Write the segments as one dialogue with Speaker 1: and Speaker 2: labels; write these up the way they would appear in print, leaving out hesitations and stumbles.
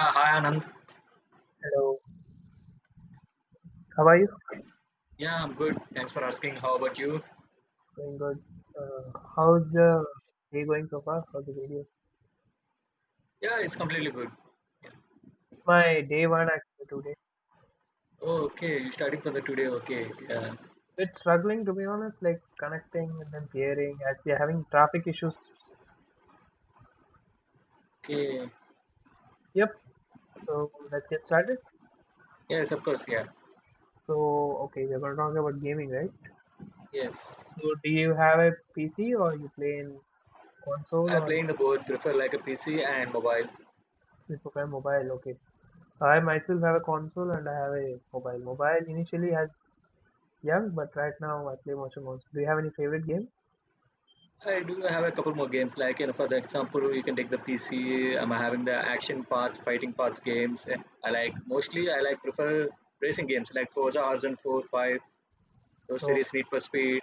Speaker 1: Hi Anand.
Speaker 2: Hello, how are you?
Speaker 1: Yeah, I'm good. Thanks for asking. How about you?
Speaker 2: Going good. Uh, How's the day going so far? How's the videos?
Speaker 1: Yeah, it's completely good.
Speaker 2: It's my day one actually today.
Speaker 1: Oh, okay. You're starting for the today. Okay. Yeah.
Speaker 2: It's a bit struggling to be honest, like connecting and then pairing as we are having traffic issues.
Speaker 1: Okay.
Speaker 2: Yep, so let's get started.
Speaker 1: Yes, of course. Yeah.
Speaker 2: So, okay, we're going to talk about gaming, right?
Speaker 1: Yes.
Speaker 2: So, do you have a PC or you play in console
Speaker 1: I'm
Speaker 2: or
Speaker 1: playing the both. Prefer like a PC and mobile.
Speaker 2: you prefer mobile? Okay, I myself have a console and I have a mobile. Mobile initially has young, but right now I play much on console. Do you have any favorite games?
Speaker 1: I do have a couple more games. Like you know, for the example, you can take the PC. I'm having the action parts, fighting parts games. I like mostly. I like prefer racing games like Forza Horizon 4, 5, those
Speaker 2: So,
Speaker 1: series Need for Speed,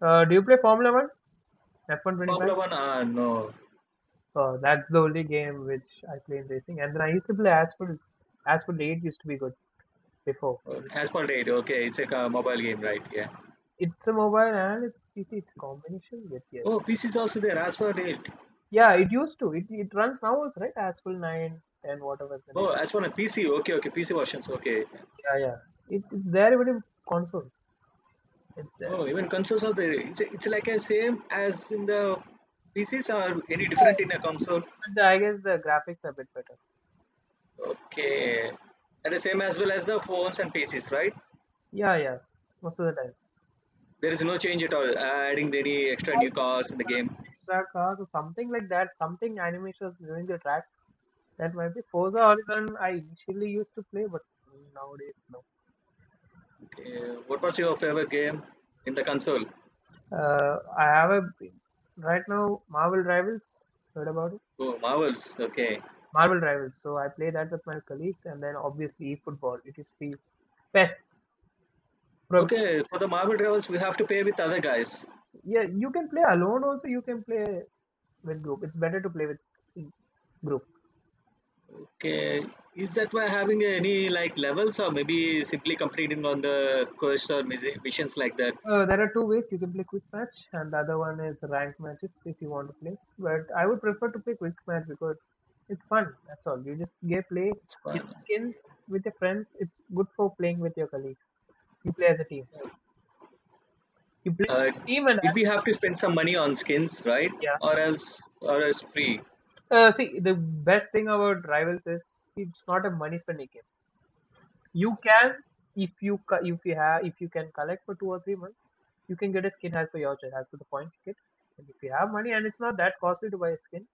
Speaker 2: Do you play Formula One?
Speaker 1: Formula
Speaker 2: F125?
Speaker 1: One. Ah, no.
Speaker 2: That's the only game which I play in racing. And then I used to play Asphalt. Asphalt 8 used to be good before.
Speaker 1: Asphalt 8. Okay, it's like a mobile game, right? Yeah.
Speaker 2: It's a mobile and it's PC. It's a combination with
Speaker 1: Oh,
Speaker 2: yes.
Speaker 1: PC is also there as for it.
Speaker 2: Yeah, it used to. It runs now also, right? Asphalt 9, 10, whatever the
Speaker 1: Oh,
Speaker 2: next.
Speaker 1: as for a PC, okay, okay, PC versions, okay.
Speaker 2: Yeah, yeah. It's there even in console. It's there.
Speaker 1: Oh, even consoles are there. It's like a same as in the PCs or any different in a console.
Speaker 2: I guess the graphics are a bit better.
Speaker 1: Okay, and the same as well as the phones and PCs, right?
Speaker 2: Yeah, yeah. Most of the time.
Speaker 1: There is no change at all. Adding any extra
Speaker 2: All
Speaker 1: new
Speaker 2: the
Speaker 1: cars in the game.
Speaker 2: track cars or something like that. Something animations during the track. That might be Forza Horizon. I initially used to play, but nowadays no.
Speaker 1: Okay, what was your favorite game in the console?
Speaker 2: I have a right now Marvel Rivals. Heard about it?
Speaker 1: Oh, Marvels. Okay,
Speaker 2: Marvel Rivals. So I play that with my colleagues, and then obviously football. It is the best. Pro-
Speaker 1: okay. For the Marvel Rivals, we have to pay with other guys.
Speaker 2: Yeah, you can play alone also. You can play with group. It's better to play with group.
Speaker 1: Okay, is that why having any like levels or maybe simply completing on the quest or missions like that?
Speaker 2: There are two ways you can play quick match, and the other one is ranked matches if you want to play. But I would prefer to play quick match because it's fun. That's all. You just get play,
Speaker 1: It's
Speaker 2: get
Speaker 1: fine.
Speaker 2: skins with your friends. It's good for playing with your colleagues. You play as a team. You play as
Speaker 1: Uh,
Speaker 2: a team, and
Speaker 1: did we have to spend some money on skins, right?
Speaker 2: yeah.
Speaker 1: Or else free?
Speaker 2: See, the best thing about rivals is it's not a money spending game. You can, if you co- if you have if you can collect for 2 or 3 months, you can get a skin as per your choice, as per the points you get. And if you have money and it's not that costly to buy a skin.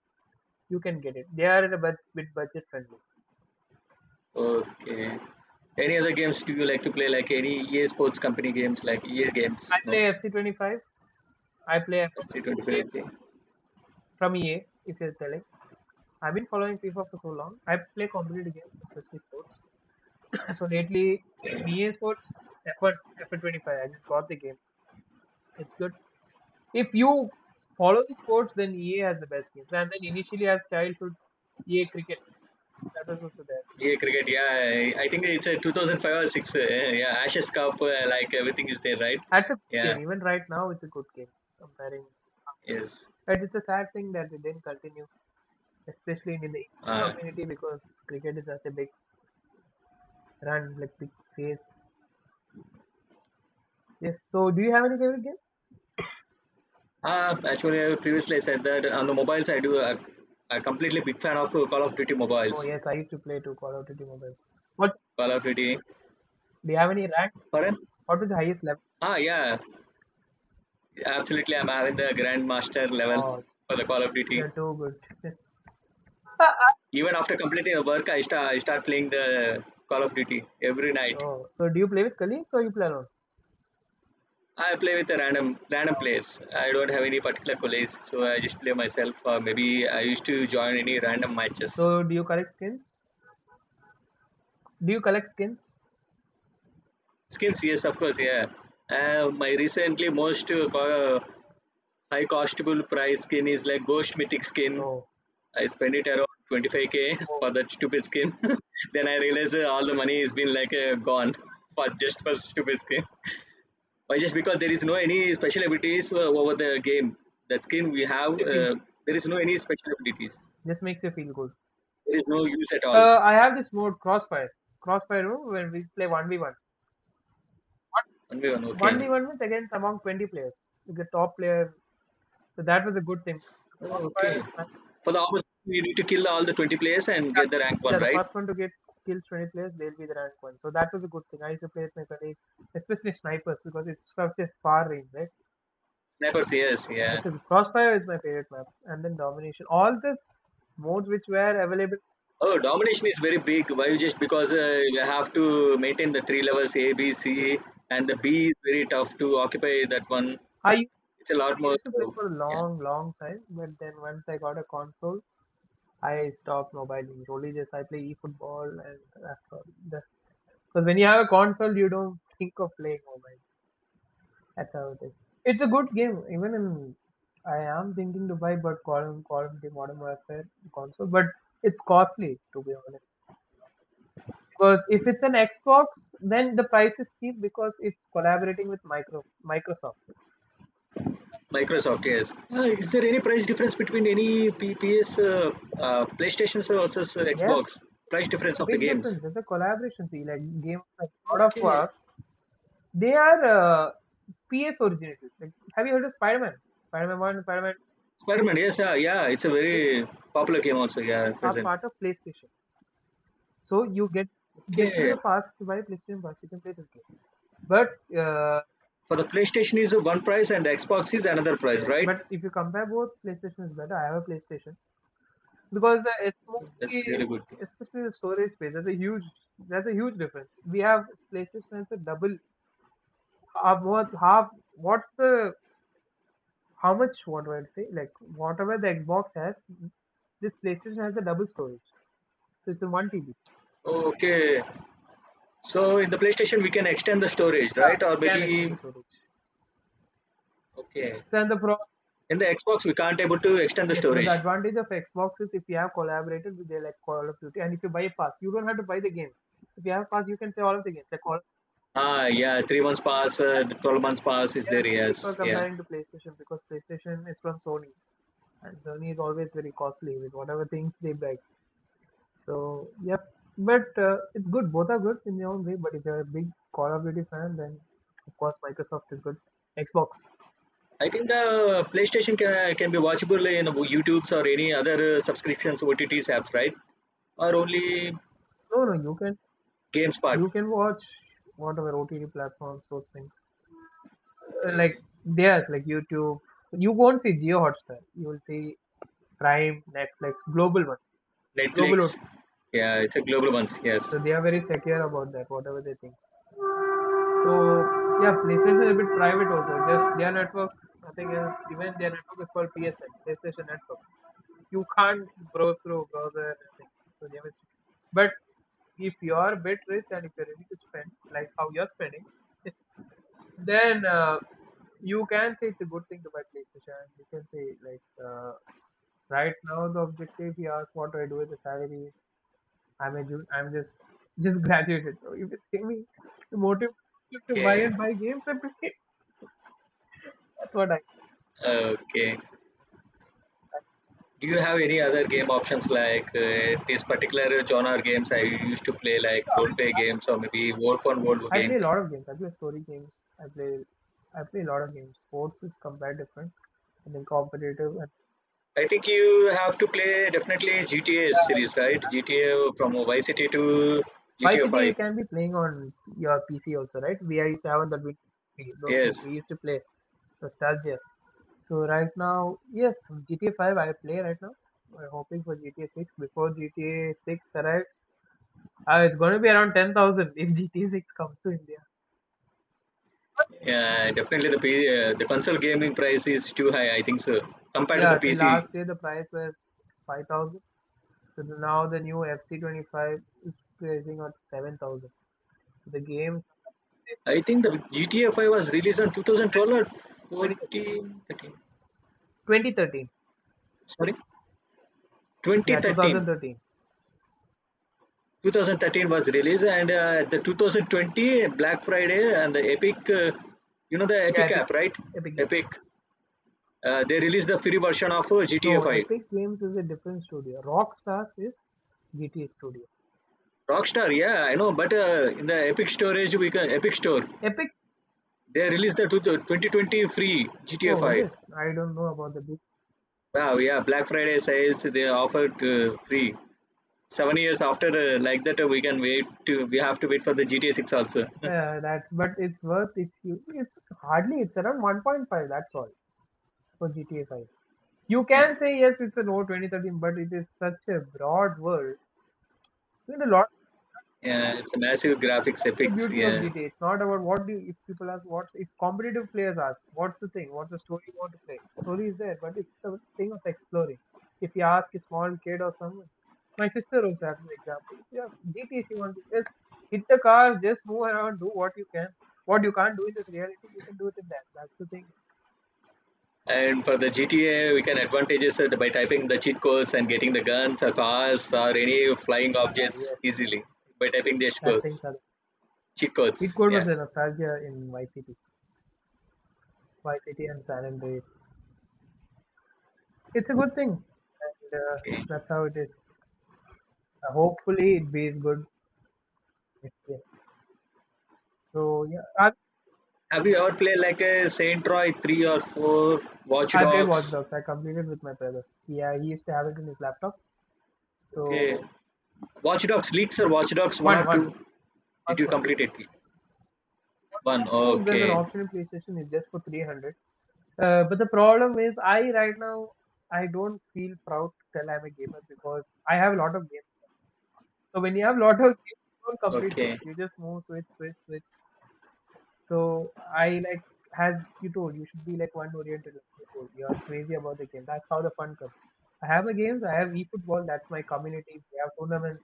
Speaker 2: You can get it. They are a bit budget friendly.
Speaker 1: Okay. Any other games do you like to play? Like any EA Sports Company games, like EA games? No,
Speaker 2: I play FC25. I play
Speaker 1: let's see, 25.
Speaker 2: FC25
Speaker 1: Okay.
Speaker 2: from EA, if you're telling. I've been following FIFA for so long. I play competitive games, especially sports. So lately, in
Speaker 1: Okay.
Speaker 2: EA Sports, F1, 25 I just bought the game. It's good. If you follow the sports, then EA has the best games. And then initially, as childhood, EA Cricket, that was also there.
Speaker 1: EA Cricket. Yeah, I think it's a 2005 or six. Yeah, Ashes Cup. Like everything is there, right?
Speaker 2: That's a good
Speaker 1: Yeah.
Speaker 2: game. Even right now, it's a good game comparing.
Speaker 1: Yes.
Speaker 2: It's a sad thing that it didn't continue especially in the
Speaker 1: Uh,
Speaker 2: community because cricket is such a big run, like big face. Yes. So, do you have any favorite game?
Speaker 1: Actually, I previously said that on the mobiles, I do. I completely big fan of Call of Duty
Speaker 2: Oh
Speaker 1: mobiles.
Speaker 2: yes, I used to play to Call of Duty Mobile. What?
Speaker 1: Call of Duty.
Speaker 2: Do you have any rank?
Speaker 1: Pardon?
Speaker 2: What was the highest level?
Speaker 1: Ah, yeah. Absolutely, I'm having the Grandmaster level
Speaker 2: Oh,
Speaker 1: for the Call of Duty.
Speaker 2: you're too good.
Speaker 1: Even after completing the work, I start playing the Call of Duty every night.
Speaker 2: Oh, so do you play with colleagues or you play alone?
Speaker 1: I play with the random players. I don't have any particular colleagues, so I just play myself. Or maybe I used to join any random matches.
Speaker 2: So, do you collect skins? Do you collect skins?
Speaker 1: Skins, yes, of course, yeah. My recently most high costable price skin is like Ghost Mythic skin.
Speaker 2: Oh,
Speaker 1: I spend it around 25k
Speaker 2: oh,
Speaker 1: for that stupid skin. Then I realize all the money has been like gone for just for stupid skin. Why just because there is no any special abilities over the game. That skin we have,
Speaker 2: you feel.
Speaker 1: there is no any special abilities.
Speaker 2: This makes you feel good.
Speaker 1: There is no use at all.
Speaker 2: I have this mode Crossfire. Crossfire mode when we play one v one. What?
Speaker 1: One by one,
Speaker 2: One
Speaker 1: okay.
Speaker 2: v one means against among 20 players. The top player. So that was a good thing.
Speaker 1: Oh,
Speaker 2: Crossfire
Speaker 1: okay.
Speaker 2: and Smash.
Speaker 1: For the opportunity, you need to kill all the 20 players and
Speaker 2: Yeah,
Speaker 1: get the rank one,
Speaker 2: yeah. The
Speaker 1: right?
Speaker 2: first one to get kills 20 players, they'll be the rank one. So that was a good thing. I used to play with my colleagues, especially snipers, because it's such a far range, right?
Speaker 1: Snipers, yes,
Speaker 2: And
Speaker 1: yeah.
Speaker 2: it's a crossfire is my favorite map, and then domination. All these modes which were available.
Speaker 1: Oh, domination is very big. Why just because you have to maintain the three levels A, B,
Speaker 2: Yeah,
Speaker 1: C, and the B is very tough to occupy that one.
Speaker 2: I used
Speaker 1: It's a
Speaker 2: I
Speaker 1: lot more.
Speaker 2: used to play
Speaker 1: uh,
Speaker 2: for a
Speaker 1: Yeah,
Speaker 2: long, long time, but then once I got a console, I stopped mobile games. Only just I play eFootball, and that's all. That's because when you have a console, you don't think of playing mobile. That's how it is. It's a good game. Even in, I am thinking to buy, but Call of Duty Modern Warfare console, but it's costly to be honest. Because if it's an Xbox, then the price is cheap because it's collaborating with Microsoft.
Speaker 1: Microsoft. Yes. Is there any price difference between any PS, PlayStation versus
Speaker 2: Yes,
Speaker 1: Xbox? Price difference
Speaker 2: a
Speaker 1: of the
Speaker 2: big
Speaker 1: games.
Speaker 2: difference. There's a collaboration. See, like games like God of
Speaker 1: Okay.
Speaker 2: War, they are PS originators. Like, have you heard of Spider-Man? Spider-Man One, Spider-Man.
Speaker 1: Spider-Man. Yes. Yeah. It's a
Speaker 2: These
Speaker 1: very popular game also. Yeah. At
Speaker 2: are
Speaker 1: present.
Speaker 2: part of PlayStation. So you get through
Speaker 1: Okay.
Speaker 2: the past by PlayStation Plus. You can play those games. But uh,
Speaker 1: For the PlayStation is one price and Xbox is another price,
Speaker 2: yes,
Speaker 1: right?
Speaker 2: but if you compare both, PlayStation is better. I have a PlayStation because the
Speaker 1: That's really good.
Speaker 2: especially the storage space. That's a huge difference. We have PlayStation is a double half what half what's the how much what do I say like whatever the Xbox has, this PlayStation has a double storage. So it's a one TB.
Speaker 1: Okay. So in the PlayStation we can extend the storage, right? Or
Speaker 2: Yeah. It can extend
Speaker 1: maybe
Speaker 2: the storage.
Speaker 1: okay.
Speaker 2: So and the pro.
Speaker 1: In the Xbox we can't able to extend the
Speaker 2: Yes, but the
Speaker 1: storage.
Speaker 2: advantage of Xbox is if you have collaborated with their like Call of Duty, and if you buy a pass, you don't have to buy the games. If you have a pass, you can play all of the games. Like all
Speaker 1: Ah yeah, 3 months pass, 12 months pass is
Speaker 2: they are
Speaker 1: there?
Speaker 2: cheaper
Speaker 1: Yes, yeah.
Speaker 2: comparing to PlayStation because PlayStation is from Sony, and Sony is always very costly with whatever things they bring. So yep, but it's good. Both are good in their own way. But if you're a big Call of Duty fan, then of course Microsoft is good. Xbox,
Speaker 1: I think the PlayStation can be watchable in YouTube's or any other subscriptions OTTs apps, right? Or only
Speaker 2: no, no,
Speaker 1: GameSpot,
Speaker 2: you can watch whatever OTT platforms, those things. Like
Speaker 1: okay.
Speaker 2: there's like YouTube. You won't see Geo Hotstar. You will see Prime, Netflix, global one,
Speaker 1: Netflix.
Speaker 2: global one.
Speaker 1: Yeah, it's a global ones. Yes.
Speaker 2: So they are very secure about that, whatever they think. So yeah, PlayStation is a bit private also. Just their network, nothing else. Even their network is called PSN, PlayStation Network. You can't browse through browser and everything. So they have. But if you are a bit rich and if you're ready to spend like how you're spending, then you can say it's a good thing to buy PlayStation. You can say like right now the objective. He asked what do I do with the salary. I'm just graduated. So if it's me the motive just to buy
Speaker 1: Okay.
Speaker 2: and buy games, I play. That's what I
Speaker 1: Okay. Do you have any other game options like this particular genre games I used to play, like role play games or maybe work on world
Speaker 2: I play a
Speaker 1: games?
Speaker 2: lot of games. I play story games. I play a lot of games. Sports is completely different. I think competitive. And
Speaker 1: I think you have to play definitely GTA series, right? GTA from Vice City to
Speaker 2: Vice
Speaker 1: GTA
Speaker 2: City
Speaker 1: 5.
Speaker 2: you can be playing on your PC also, right? VI seven that we those things
Speaker 1: Yes,
Speaker 2: we used to play. Nostalgia. So right now, yes, GTA 5 I play right now. We're hoping for GTA 6 before GTA 6 arrives. It's going to be around 10,000 if GTA 6 comes to India.
Speaker 1: yeah, definitely the the console gaming price is too high. I think so compared to the
Speaker 2: Yeah, till
Speaker 1: PC.
Speaker 2: last year the price was 5,000. Now the new FC25 is pricing at 7,000. So the games
Speaker 1: I think the GTA 5 was released in 2012 or
Speaker 2: twenty
Speaker 1: 14, 13.
Speaker 2: twenty thirteen.
Speaker 1: Sorry,
Speaker 2: Yeah,
Speaker 1: 2013.
Speaker 2: 2013.
Speaker 1: 2013 was released, and the 2020 Black Friday and the Epic, you know the
Speaker 2: Yeah,
Speaker 1: Epic app, right?
Speaker 2: Epic
Speaker 1: Epic,
Speaker 2: Games.
Speaker 1: they released the free version of GTA
Speaker 2: No,
Speaker 1: 5.
Speaker 2: Epic Games is a different studio. Rockstars is GTA Studio.
Speaker 1: Rockstar, yeah, I know, but in the Epic storage, we can Epic Store,
Speaker 2: Epic.
Speaker 1: they released the 2020 free GTA
Speaker 2: Oh, is
Speaker 1: 5.
Speaker 2: it? I don't know about the big
Speaker 1: Wow, yeah, Black Friday sales they offered free. 7 years after, like that, we can wait. To, we have to wait for the GTA 6 also.
Speaker 2: that, but it's worth if you. It's hardly. It's around 1.5. That's all for GTA 5. You
Speaker 1: Yeah,
Speaker 2: can say yes, it's a old 2013, but it is such a broad world. There's a lot
Speaker 1: yeah, it's a massive graphics,
Speaker 2: the
Speaker 1: epics,
Speaker 2: beauty of
Speaker 1: yeah.
Speaker 2: GTA. It's not about what do you, if people ask what's if competitive players ask what's the thing, what's the story you want to play. Story is there, but it's the thing of exploring. If you ask a small kid or someone, my sister also has an example. If you ask GTA, she wants to just hit the car, just move around, do what you can. What you can't do in this reality, you can do it in that. That's the thing.
Speaker 1: And for the GTA, we can advantages it by typing the cheat codes and getting the guns or cars or any flying
Speaker 2: Uh,
Speaker 1: objects
Speaker 2: yes,
Speaker 1: easily by typing the cheat
Speaker 2: that thing.
Speaker 1: codes. Cheat
Speaker 2: It
Speaker 1: codes,
Speaker 2: good was
Speaker 1: yeah.
Speaker 2: the nostalgia in my city and San Andreas. It's a good thing, and
Speaker 1: Okay.
Speaker 2: that's how it is. Hopefully, it be good. Yeah. So yeah,
Speaker 1: Have you ever played like a Saint Roy three or four, Watch
Speaker 2: I played Watch
Speaker 1: Dogs?
Speaker 2: Dogs. I completed with my brother. Yeah, he used to have it in his laptop.
Speaker 1: Okay.
Speaker 2: So
Speaker 1: Watch Dogs leaks or Watch Dogs one
Speaker 2: one,
Speaker 1: or
Speaker 2: one,
Speaker 1: two? Did
Speaker 2: first
Speaker 1: you
Speaker 2: one.
Speaker 1: complete it? One.
Speaker 2: Two, there's an
Speaker 1: Okay.
Speaker 2: option in PlayStation. It's just for 300. But the problem is, I right now I don't feel proud to tell I'm a gamer because I have a lot of games. So when you have a lot of games, you don't complete games.
Speaker 1: Okay.
Speaker 2: You just move, switch, switch, switch. So I like as you told, you should be like one oriented. Like you told. You're crazy about the game. That's how the fun comes. I have a games. I have eFootball. That's my community. We have tournaments.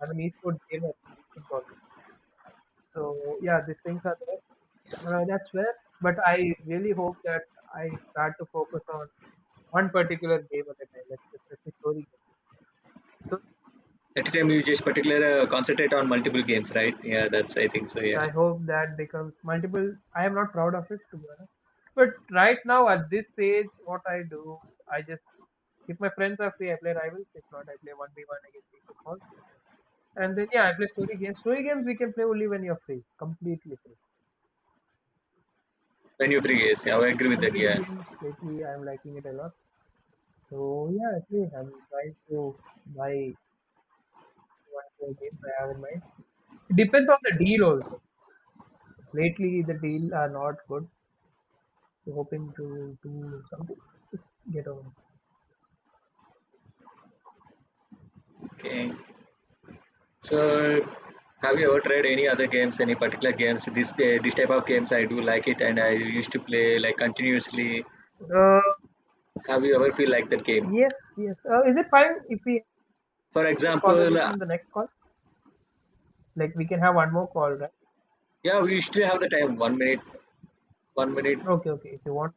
Speaker 2: I have an esports game actually eFootball. So yeah, these things are there. That's where. But I really hope that I start to focus on one particular game at a time, like especially story games.
Speaker 1: At a time you just particular concentrate on multiple games, right? Yeah, that's I think so.
Speaker 2: So
Speaker 1: Yeah.
Speaker 2: I hope that becomes multiple. I am not proud of it, to be honest. But right now, at this stage, what I do, I just if my friends are free, I play rivals. If not, I play one v one against people. All. And then yeah, I play story games. Story games we can play only when you're free, completely free.
Speaker 1: When you free games, yeah, I agree with that.
Speaker 2: Competitive
Speaker 1: Yeah.
Speaker 2: games lately, I'm liking it a lot. So yeah, actually, I'm trying to buy one more games I have in mind. It depends on the deal also. Lately, the deal are not good. So hoping to do something. Just get over.
Speaker 1: Okay. So, have you ever tried any other games, any particular games? This type of games I do like it, and I used to play like continuously.
Speaker 2: Uh,
Speaker 1: Have you ever feel like that game?
Speaker 2: yes, yes. Is it fine if we have
Speaker 1: For
Speaker 2: this
Speaker 1: example,
Speaker 2: conversation in the next call? Like we can have one more call, right?
Speaker 1: yeah, we usually have the time 1 minute, 1 minute.
Speaker 2: Okay, okay. If you want,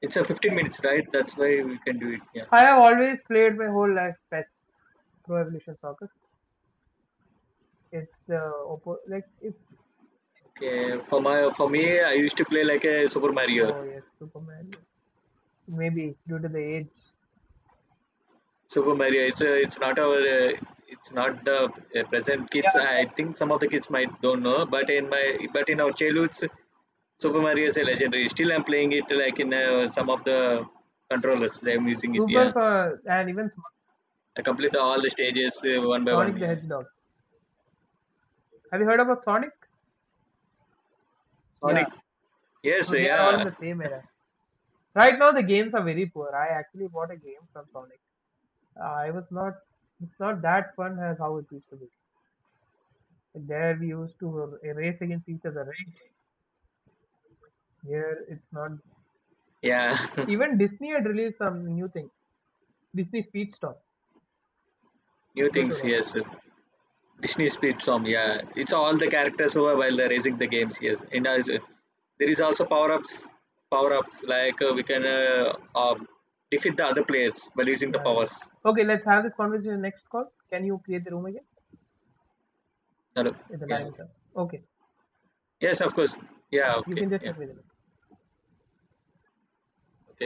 Speaker 1: It's a 15 minutes, right? That's why we can do it. Yeah.
Speaker 2: I have always played my whole life PES, Pro Evolution Soccer. It's the oppo like it's.
Speaker 1: Okay. For my for me, I used to play like a Super Mario.
Speaker 2: Oh yes, Superman. Maybe due to the age.
Speaker 1: Super Mario. It's not our. It's not the present
Speaker 2: Yeah,
Speaker 1: kids.
Speaker 2: yeah.
Speaker 1: I think some of the kids might don't know, but in my but in our childhoods Super Mario is a legendary. Still, I'm playing it like in some of the controllers. I'm using it.
Speaker 2: Super
Speaker 1: Yeah,
Speaker 2: for and even.
Speaker 1: I complete the, all the stages one by one.
Speaker 2: Sonic the
Speaker 1: Yeah,
Speaker 2: Hedgehog. Have you heard about Sonic? Yeah.
Speaker 1: Sonic. Yes.
Speaker 2: So they are all in
Speaker 1: Yeah.
Speaker 2: the same era. Right now the games are very poor. I actually bought a game from Sonic. It was not. It's not that fun as how it used to be. There we used to race against each other, right? Here it's not.
Speaker 1: Yeah.
Speaker 2: Even Disney had released some new thing. Disney Speedstorm.
Speaker 1: New
Speaker 2: Remember to
Speaker 1: things.
Speaker 2: that.
Speaker 1: Yes. Disney Speed Storm. Yeah, it's all the characters who are while they're racing the games. Yes, and as, there is also power ups. Power ups like we can defeat the other players by using the
Speaker 2: Yeah,
Speaker 1: powers.
Speaker 2: yeah. Okay, let's have this conversation in the next call. Can you create the room again?
Speaker 1: Hello.
Speaker 2: Yeah, the
Speaker 1: Yeah.
Speaker 2: time is up. Okay.
Speaker 1: Yes. Of course. Yeah.
Speaker 2: Yeah, you
Speaker 1: Okay.
Speaker 2: can just
Speaker 1: Yeah.
Speaker 2: send me the link.
Speaker 1: Okay.